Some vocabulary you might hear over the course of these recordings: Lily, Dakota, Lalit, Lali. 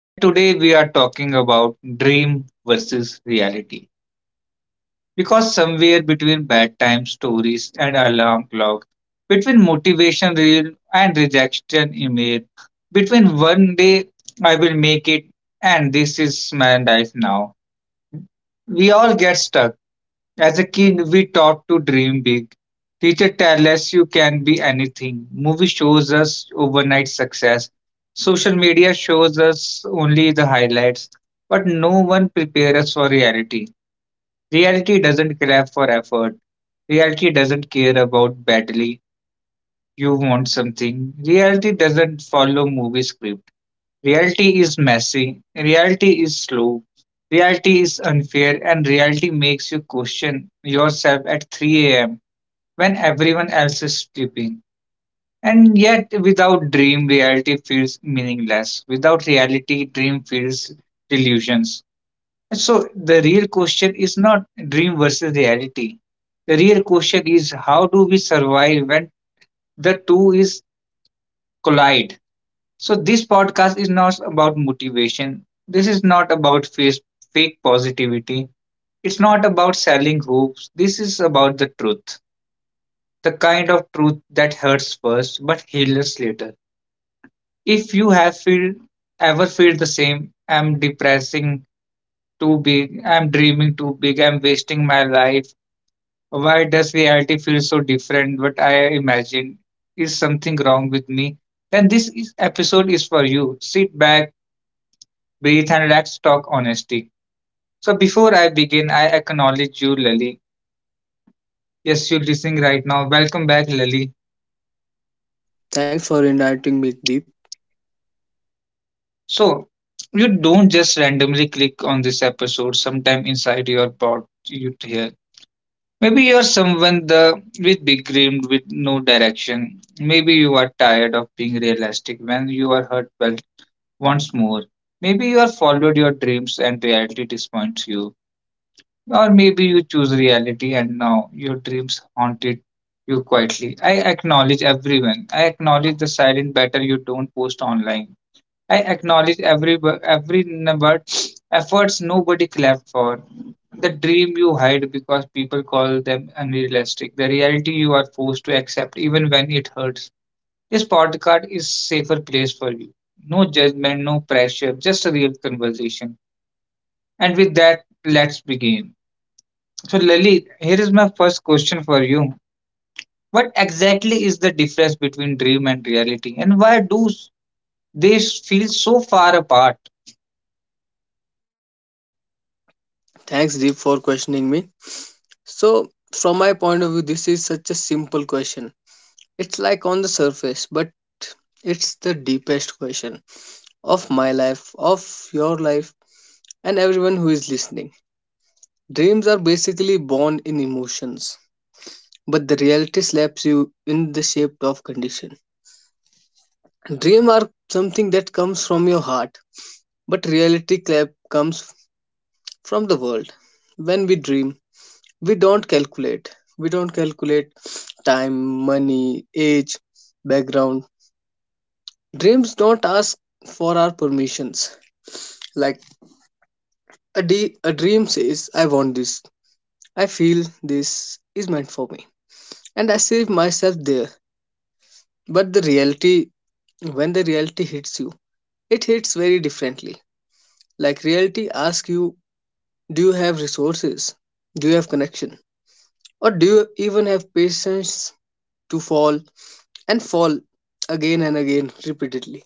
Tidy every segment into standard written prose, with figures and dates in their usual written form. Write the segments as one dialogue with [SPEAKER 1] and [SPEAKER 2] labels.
[SPEAKER 1] And today we are talking about dream versus reality. Because somewhere between bedtime stories and alarm clock, between motivation reel and rejection email, between one day I will make it and this is my life now, we all get stuck. As a kid, we taught to dream big. Teacher tell us you can be anything. Movie shows us overnight success. Social media shows us only the highlights. But no one prepares us for reality. Reality doesn't clap for effort. Reality doesn't care about badly. You want something. Reality doesn't follow movie script. Reality is messy, reality is slow, reality is unfair, and reality makes you question yourself at 3 a.m. when everyone else is sleeping. And yet, without dream, reality feels meaningless. Without reality, dream feels delusions. So the real question is not dream versus reality. The real question is, how do we survive when the two is collide? So this podcast is not about motivation. This is not about fake positivity. It's not about selling hopes. This is about the truth. The kind of truth that hurts first but heals later. If you ever feel the same, I'm depressing too big, I'm dreaming too big, I'm wasting my life. Why does reality feel so different? What I imagined is something wrong with me. Then this episode is for you. Sit back, breathe, and let's talk honesty. So, before I begin, I acknowledge you, Lily. Yes, you're listening right now. Welcome back, Lily.
[SPEAKER 2] Thanks for inviting me, Deep.
[SPEAKER 1] So, you don't just randomly click on this episode sometime inside your pod you hear. Maybe you're someone the with big dreams with no direction. Maybe you are tired of being realistic when you are hurt well once more. Maybe you are followed your dreams and reality disappoints you. Or maybe you choose reality and now your dreams haunted you quietly. I acknowledge everyone. I acknowledge the silent battle you don't post online. I acknowledge every number efforts nobody clapped for. The dream you hide because people call them unrealistic. The reality you are forced to accept even when it hurts. This podcast is safer place for you. No judgment, no pressure, just a real conversation. And with that, let's begin. So, Lalit, here is my first question for you. What exactly is the difference between dream and reality, and why do feel so far apart?
[SPEAKER 2] Thanks, Deep, for questioning me. So, from my point of view, this is such a simple question. It's like on the surface, but it's the deepest question of my life, of your life, and everyone who is listening. Dreams are basically born in emotions, but the reality slaps you in the shape of condition. Dreams are something that comes from your heart, but reality clap comes from the world. When we dream, we don't calculate we don't calculate time, money, age, background. Dreams don't ask for our permissions. Like a dream says I want this, I feel this is meant for me, and I see myself there. But the reality, when the reality hits you, it hits very differently. Like reality asks you, do you have resources, do you have connection, or do you even have patience to fall and fall again and again repeatedly.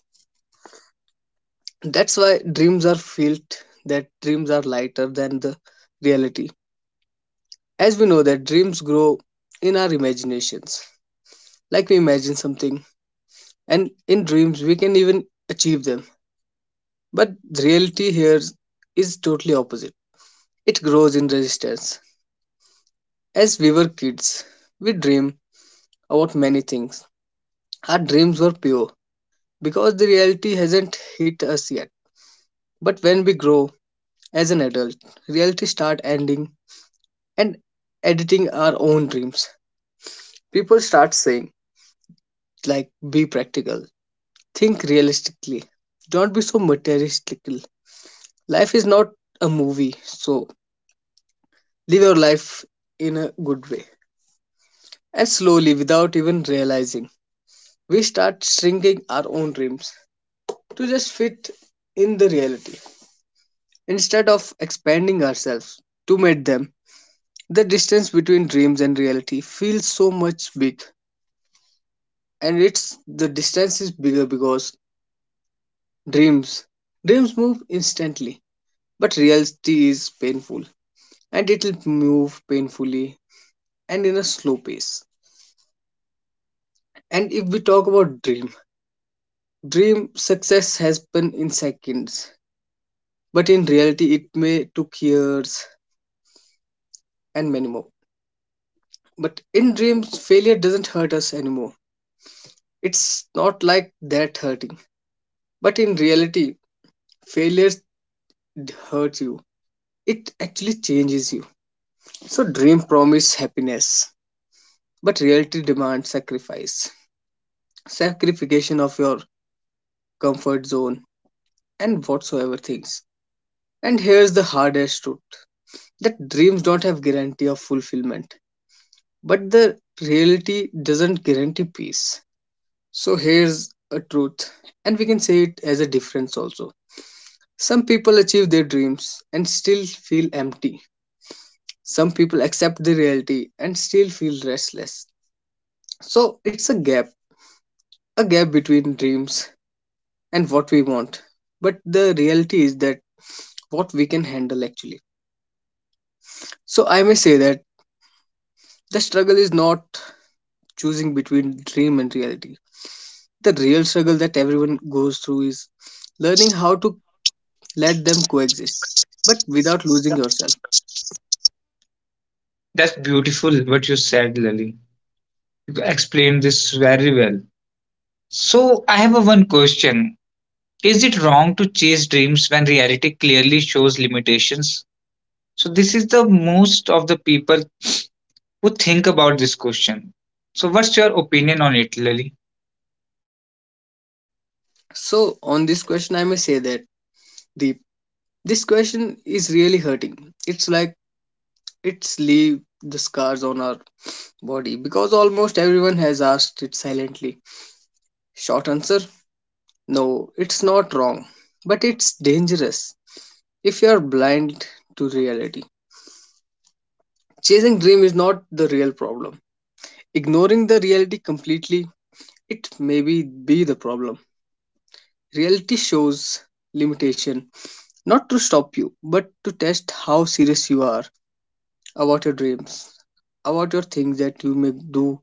[SPEAKER 2] That's why dreams are felt that dreams are lighter than the reality. As we know that dreams grow in our imaginations. Like we imagine something, and in dreams we can even achieve them. But the reality here is totally opposite. It grows in resistance. As we were kids, we dream about many things. Our dreams were pure because the reality hasn't hit us yet. But when we grow, as an adult, reality start ending and editing our own dreams. People start saying, like, be practical, think realistically, don't be so materialistic. Life is not a movie, so live your life in a good way. And slowly, without even realizing, we start shrinking our own dreams to just fit in the reality instead of expanding ourselves to meet them. The distance between dreams and reality feels so much big, and it's, the distance is bigger because dreams dreams move instantly, but reality is painful, and it'll move painfully and in a slow pace. And if we talk about dream, dream success has been in seconds, but in reality it may took years and many more. But in dreams failure doesn't hurt us anymore, it's not like that hurting. But in reality failure hurts you, it actually changes you. So dream promise happiness, but reality demands sacrifice. Sacrification of your comfort zone and whatsoever things. And here's the hardest truth, that dreams don't have guarantee of fulfillment, but the reality doesn't guarantee peace. So here's a truth, and we can say it as a difference also. Some people achieve their dreams and still feel empty. Some people accept the reality and still feel restless. So it's a gap, a gap between dreams and what we want. But the reality is that what we can handle actually. So I may say that the struggle is not choosing between dream and reality. The real struggle that everyone goes through is learning how to let them coexist, but without losing yourself.
[SPEAKER 1] That's beautiful what you said, Lalit. You explained this very well. So, I have a one question. Is it wrong to chase dreams when reality clearly shows limitations? So this is the most of the people who think about this question. So, what's your opinion on it, Lali?
[SPEAKER 2] So on this question, I may say that the this question is really hurting. It's like it's leave the scars on our body because almost everyone has asked it silently. Short answer, no, it's not wrong, but it's dangerous if you are blind to reality. Chasing dream is not the real problem. Ignoring the reality completely, it may be the problem. Reality shows limitation, not to stop you, but to test how serious you are about your dreams, about your things that you may do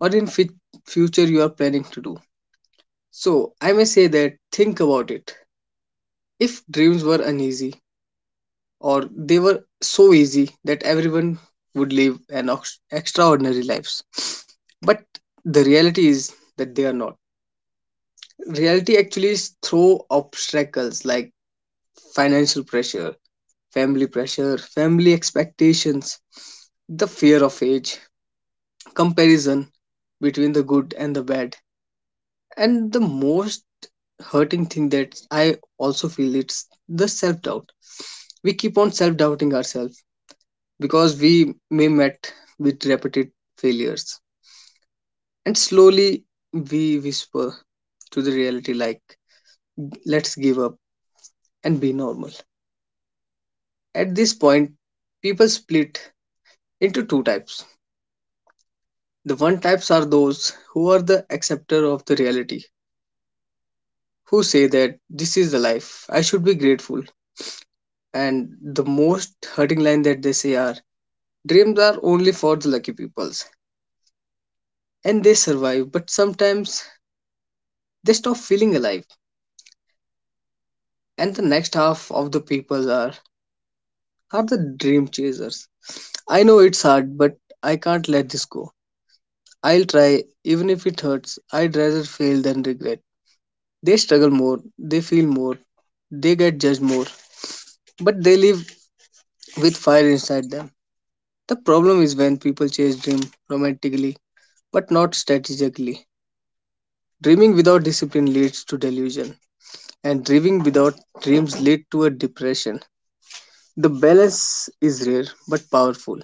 [SPEAKER 2] or in fit future you are planning to do. So I may say that think about it. If dreams were uneasy, or they were so easy that everyone would live an extraordinary lives. But the reality is that they are not. Reality actually throw obstacles like financial pressure, family expectations, the fear of age, comparison between the good and the bad. And the most hurting thing that I also feel it's the self doubt. We keep on self doubting ourselves because we may met with repeated failures. And slowly we whisper to the reality like, let's give up and be normal. At this point people split into two types. The one types are those who are the acceptor of the reality, who say that this is the life I should be grateful, and the most hurting line that they say are, dreams are only for the lucky peoples, and they survive but sometimes they stop feeling alive. And the next half of the people are the dream chasers. I know it's hard, but I can't let this go. I'll try, even if it hurts. I'd rather fail than regret. They struggle more, they feel more, they get judged more, but they live with fire inside them. The problem is when people chase dream romantically but not strategically. Dreaming without discipline leads to delusion, and dreaming without dreams lead to a depression. The balance is rare but powerful.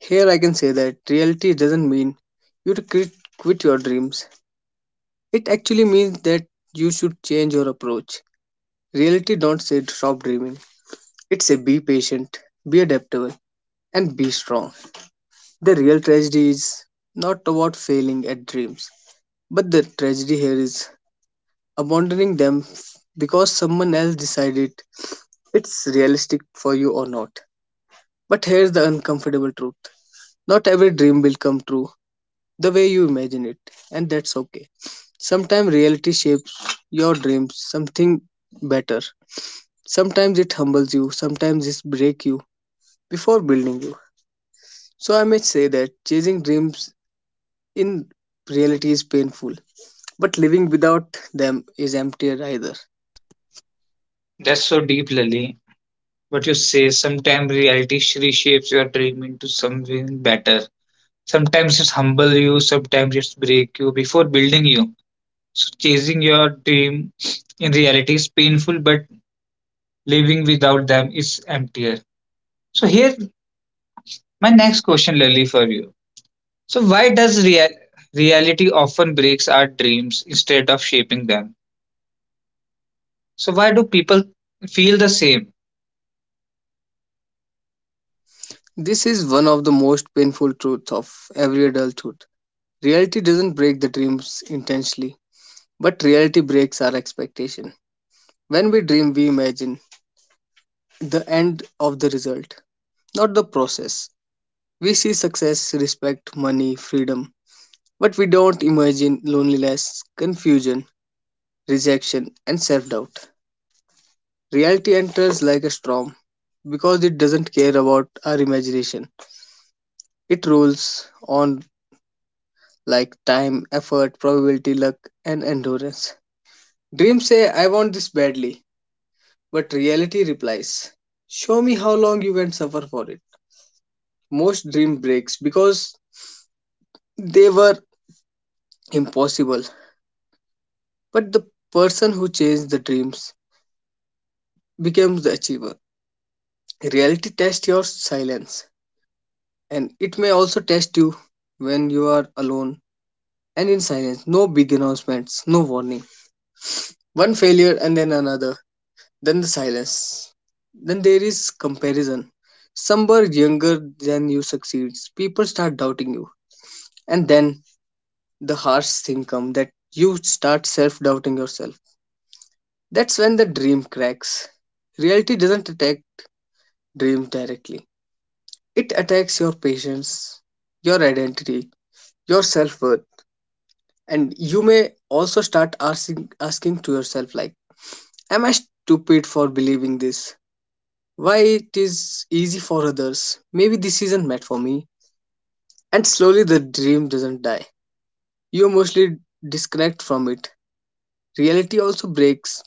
[SPEAKER 2] Here I can say that reality doesn't mean you to quit, quit your dreams. It actually means that you should change your approach. Reality don't say stop dreaming. It say be patient, be adaptable, and be strong. The real tragedy is not about failing at dreams, but the tragedy here is abandoning them because someone else decided it's realistic for you or not. But here's the uncomfortable truth. Not every dream will come true the way you imagine it, and that's okay. Sometimes reality shapes your dreams something better. Sometimes it humbles you, sometimes it breaks you before building you. So I may say that chasing dreams in reality is painful, but living without them is emptier either.
[SPEAKER 1] That's so deep, Lali. But you say sometimes reality reshapes your dream into something better. Sometimes it's humble you, sometimes it's break you before building you. So chasing your dream in reality is painful, but living without them is emptier. So here, my next question, Lily, for you. So why does reality often breaks our dreams instead of shaping them? So why do people feel the same?
[SPEAKER 2] This is one of the most painful truths of every adulthood. Reality doesn't break the dreams intentionally, but reality breaks our expectation. When we dream, we imagine the end of the result, not the process. We see success, respect, money, freedom, but we don't imagine loneliness, confusion, rejection, and self doubt. Reality enters like a storm because it doesn't care about our imagination. It rolls on like time, effort, probability, luck, and endurance. Dreams say, I want this badly, but reality replies, show me how long you can suffer for it. Most dream breaks because they were impossible, but the person who chased the dreams becomes the achiever. Reality tests your silence, and it may also test you when you are alone and in silence. No big announcements, no warning. One failure and then another, then the silence. Then there is comparison. Somewhere younger than you succeeds, people start doubting you, and then the harsh thing comes that you start self doubting yourself. That's when the dream cracks. Reality doesn't attack dreams directly. It attacks your patience, your identity, your self-worth, and you may also start asking to yourself like, am I stupid for believing this? Why it is easy for others? Maybe this isn't meant for me. And slowly the dream doesn't die. You mostly disconnect from it. Reality also breaks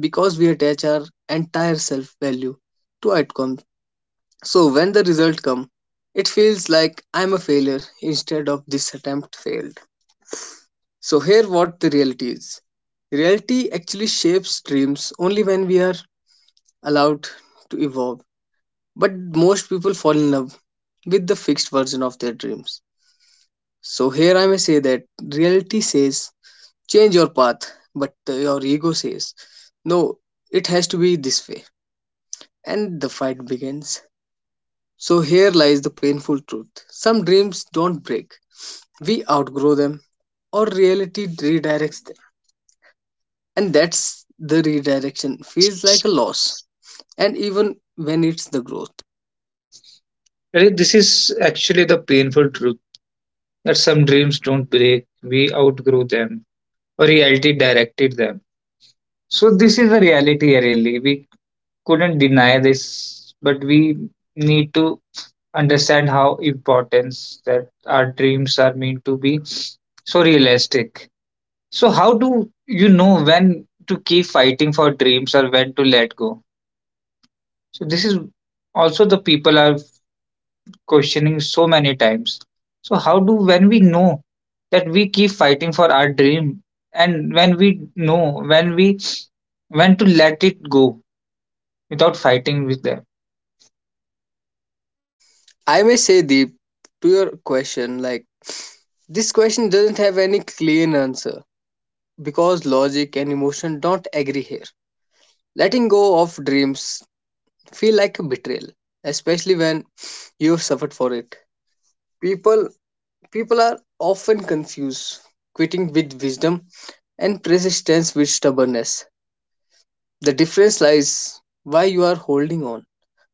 [SPEAKER 2] because we attach our entire self-value to outcomes. So when the result comes, it feels like I'm a failure instead of this attempt failed. So here what the reality is. Reality actually shapes dreams only when we are allowed to evolve. But most people fall in love with the fixed version of their dreams. So here I may say that reality says change your path, but your ego says no, it has to be this way. And the fight begins. So here lies the painful truth. Some dreams don't break, we outgrow them or reality redirects them, and that's the redirection feels like a loss and even when it's the growth.
[SPEAKER 1] Really, this is actually the painful truth that some dreams don't break. We outgrow them, reality directed them, so this is the reality really we couldn't deny this, but we need to understand how importance that our dreams are meant to be so realistic. So how do you know when to keep fighting for dreams or when to let go? So this is also the people are questioning so many times. So how do when we know that we keep fighting for our dream, and when we know when we when to let it go without fighting with them?
[SPEAKER 2] I may say, Deep, to your question like, this question doesn't have any clean answer because logic and emotion don't agree here. Letting go of dreams feel like a betrayal, especially when you've suffered for it. people People are often confused quitting with wisdom and persistence with stubbornness. The difference lies why you are holding on.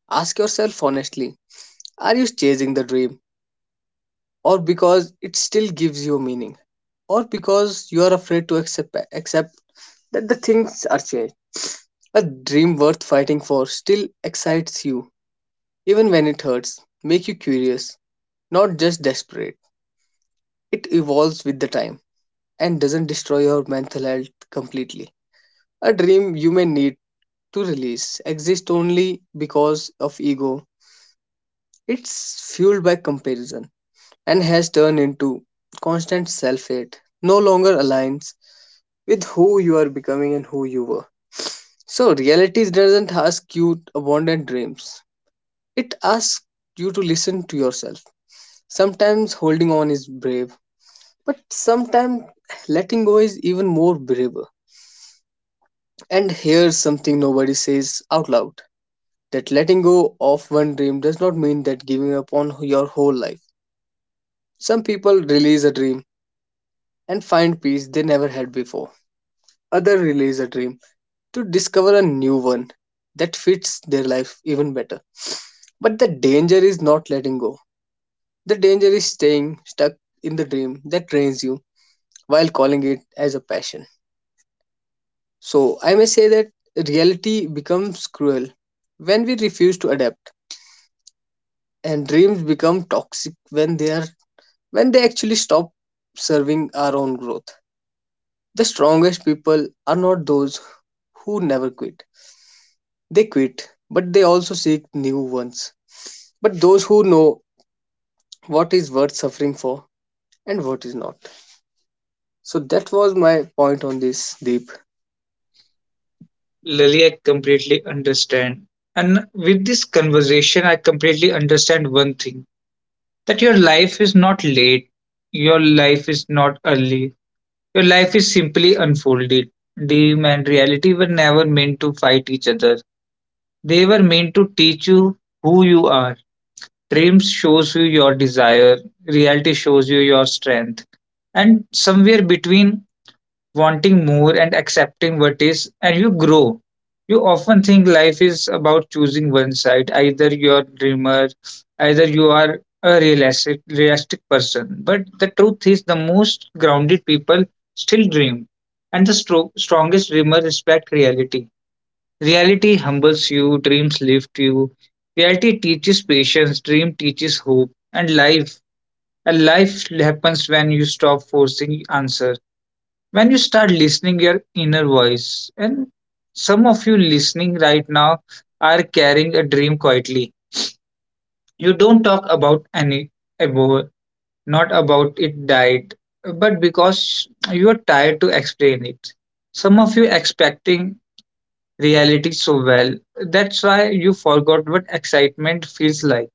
[SPEAKER 2] Ask yourself honestly, are you chasing the dream, or because it still gives you meaning, or because you are afraid to accept that the things are changed? A dream worth fighting for still excites you, even when it hurts, make you curious, not just desperate. It evolves with the time and doesn't destroy your mental health completely. A dream you may need to release exists only because of ego. It's fueled by comparison and has turned into constant self hate, no longer aligns with who you are becoming and who you were. So, reality doesn't ask you to abandon dreams, it asks you to listen to yourself. Sometimes holding on is brave, but sometimes letting go is even more braver. And here's something nobody says out loud, that letting go of one dream does not mean that giving up on your whole life. Some people release a dream and find peace they never had before. Others release a dream to discover a new one that fits their life even better. But the danger is not letting go. The danger is staying stuck in the dream that drains you while calling it as a passion. So I may say that reality becomes cruel when we refuse to adapt, and dreams become toxic when they are, when they actually stop serving our own growth. The strongest people are not those who never quit, they quit but they also seek new ones, but those who know what is worth suffering for and what is not. So that was my point on this, Deep.
[SPEAKER 1] Lily, I completely understand. And with this conversation, I completely understand one thing, that your life is not late, your life is not early, your life is simply unfolded. Dream and reality were never meant to fight each other, they were meant to teach you who you are. Dreams shows you your desire, reality shows you your strength, and somewhere between wanting more and accepting what is and you grow. You often think life is about choosing one side, either you're a dreamer either you are a realistic person, but the truth is the most grounded people still dream, and the strongest dreamer respect reality. Reality humbles you, dreams lift you. Reality teaches patience, dream teaches hope, and life. And life happens when you stop forcing answers, when you start listening your inner voice. And some of you listening right now are carrying a dream quietly. You don't talk about any about not about it died, but because you are tired to explain it. Some of you expecting reality so well. That's why you forgot what excitement feels like.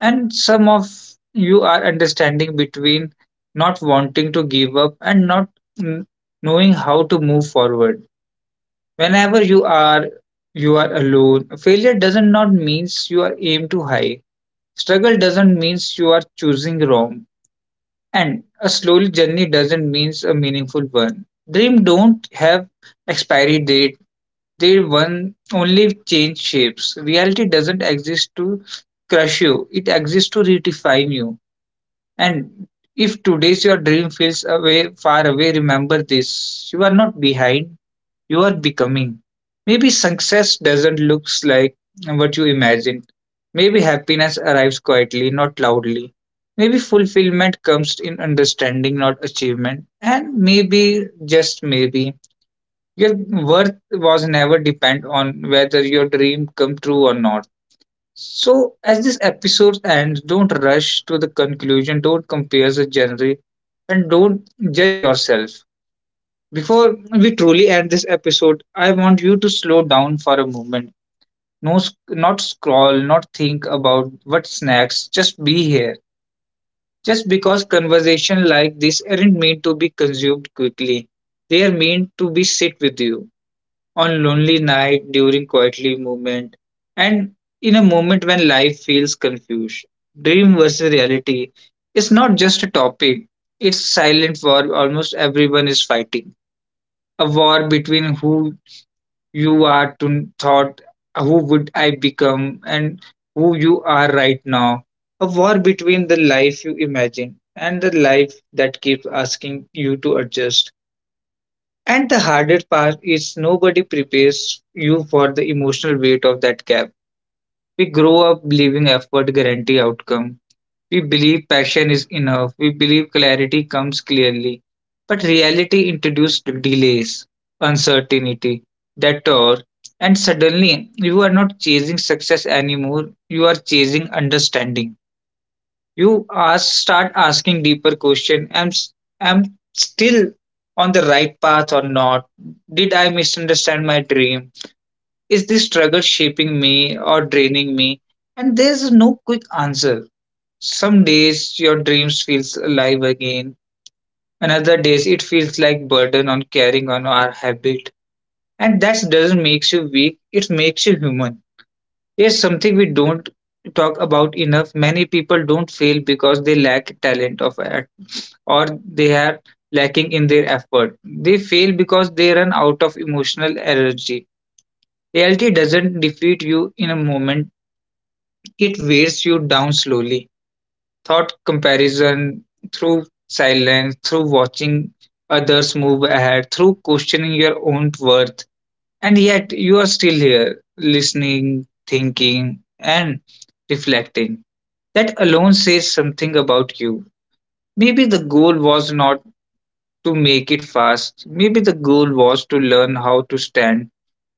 [SPEAKER 1] And some of you are understanding between not wanting to give up and not mm, knowing how to move forward. Whenever you are alone, failure doesn't not means you are aimed too high. Struggle doesn't means you are choosing wrong. And a slow journey doesn't means a meaningful one. Dream don't have expiry date, they one only change shapes. Reality doesn't exist to crush you, it exists to redefine you. And if today's your dream feels away far away, remember this. You are not behind, you are becoming. Maybe success doesn't look like what you imagined. Maybe happiness arrives quietly, not loudly. Maybe fulfillment comes in understanding, not achievement. And maybe, just maybe, your worth was never depend on whether your dream come true or not. So as this episode ends, don't rush to the conclusion, don't compare the genre, and don't judge yourself. Before we truly end this episode, I want you to slow down for a moment. No, not scroll, not think about what's next. Just be here. Just because conversation like this aren't meant to be consumed quickly, they are meant to be sit with you on lonely night during quietly movement and in a moment when life feels confused. Dream versus reality is not just a topic, it's a silent war almost everyone is fighting. A war between who you are to thought, who would I become, and who you are right now. A war between the life you imagine and the life that keeps asking you to adjust, and the hardest part is nobody prepares you for the emotional weight of that gap. We grow up believing effort guarantee outcome. We believe passion is enough. We believe clarity comes clearly. But reality introduced delays, uncertainty, detour, and suddenly you are not chasing success anymore. You are chasing understanding. You ask, start asking deeper question. Am still on the right path or not? Did I misunderstand my dream? Is this struggle shaping me or draining me? And there's no quick answer. Some days your dreams feels alive again, and other days it feels like burden on carrying on our habit. And that doesn't make you weak, it makes you human. Here's something we don't talk about enough. Many people don't fail because they lack talent of or they are lacking in their effort. They fail because they run out of emotional energy. Reality doesn't defeat you in a moment, it wears you down slowly. Thought comparison, through silence, through watching others move ahead, through questioning your own worth. And yet, you are still here, listening, thinking, and reflecting. That alone says something about you. Maybe the goal was not to make it fast. Maybe the goal was to learn how to stand.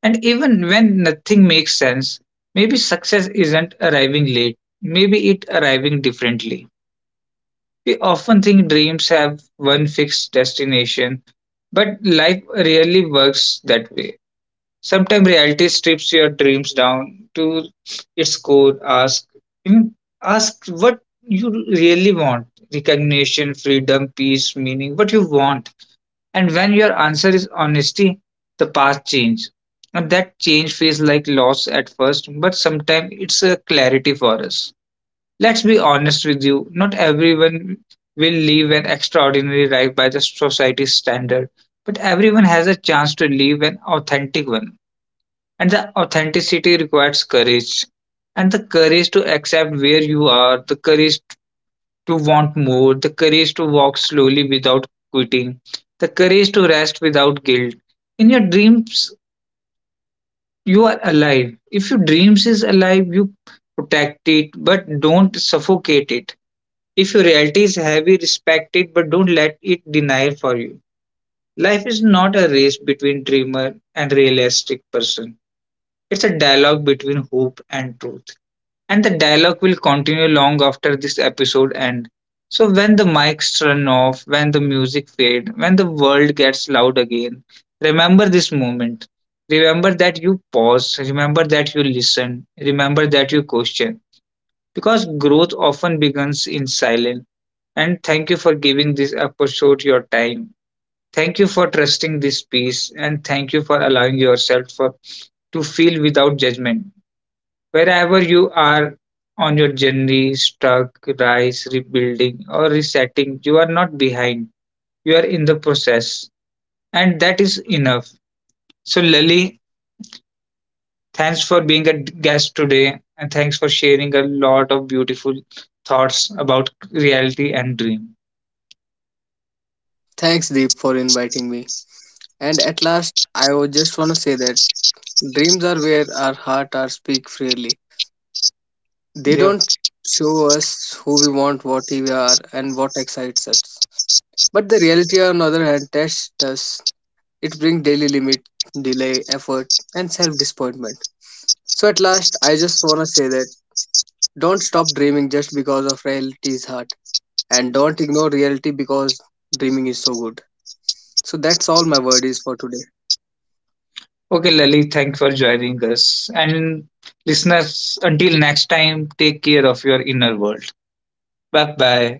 [SPEAKER 1] And even when nothing makes sense, maybe success isn't arriving late, maybe it arriving differently. We often think dreams have one fixed destination, but life rarely works that way. Sometimes reality strips your dreams down to its core. Mm, Ask what you really want: recognition, freedom, peace, meaning. What you want, and when your answer is honesty, the path changes. And that change feels like loss at first, but sometimes it's a clarity for us. Let's be honest with you, not everyone will live an extraordinary life by the society's standard, but everyone has a chance to live an authentic one. And the authenticity requires courage, and the courage to accept where you are, the courage to want more, the courage to walk slowly without quitting, the courage to rest without guilt. In your dreams, you are alive. If your dreams is alive, you protect it, but don't suffocate it. If your reality is heavy, respect it, but don't let it deny for you. Life is not a race between dreamer and realistic person. It's a dialogue between hope and truth, and the dialogue will continue long after this episode end. So when the mics turn off, when the music fade, when the world gets loud again, remember this moment. Remember that you pause, remember that you listen, remember that you question, because growth often begins in silence. And thank you for giving this episode your time. Thank you for trusting this piece, and thank you for allowing yourself for to feel without judgment. Wherever you are on your journey, stuck, rise, rebuilding, or resetting, you are not behind. You are in the process, and that is enough. So, Lali, thanks for being a guest today, and thanks for sharing a lot of beautiful thoughts about reality and dream.
[SPEAKER 2] Thanks, Deep, for inviting me. And at last, I would just want to say that dreams are where our heart are speak freely. They
[SPEAKER 1] Yep.
[SPEAKER 2] don't show us who we want, what we are, and what excites us. But the reality, on the other hand, tests us. It brings daily limit, delay, effort, and self disappointment. So, at last, I just want to say that don't stop dreaming just because of reality is hard, and don't ignore reality because dreaming is so good. So, that's all my word is for today.
[SPEAKER 1] Okay, Lali, thanks for joining us. And listeners, until next time, take care of your inner world. Bye bye.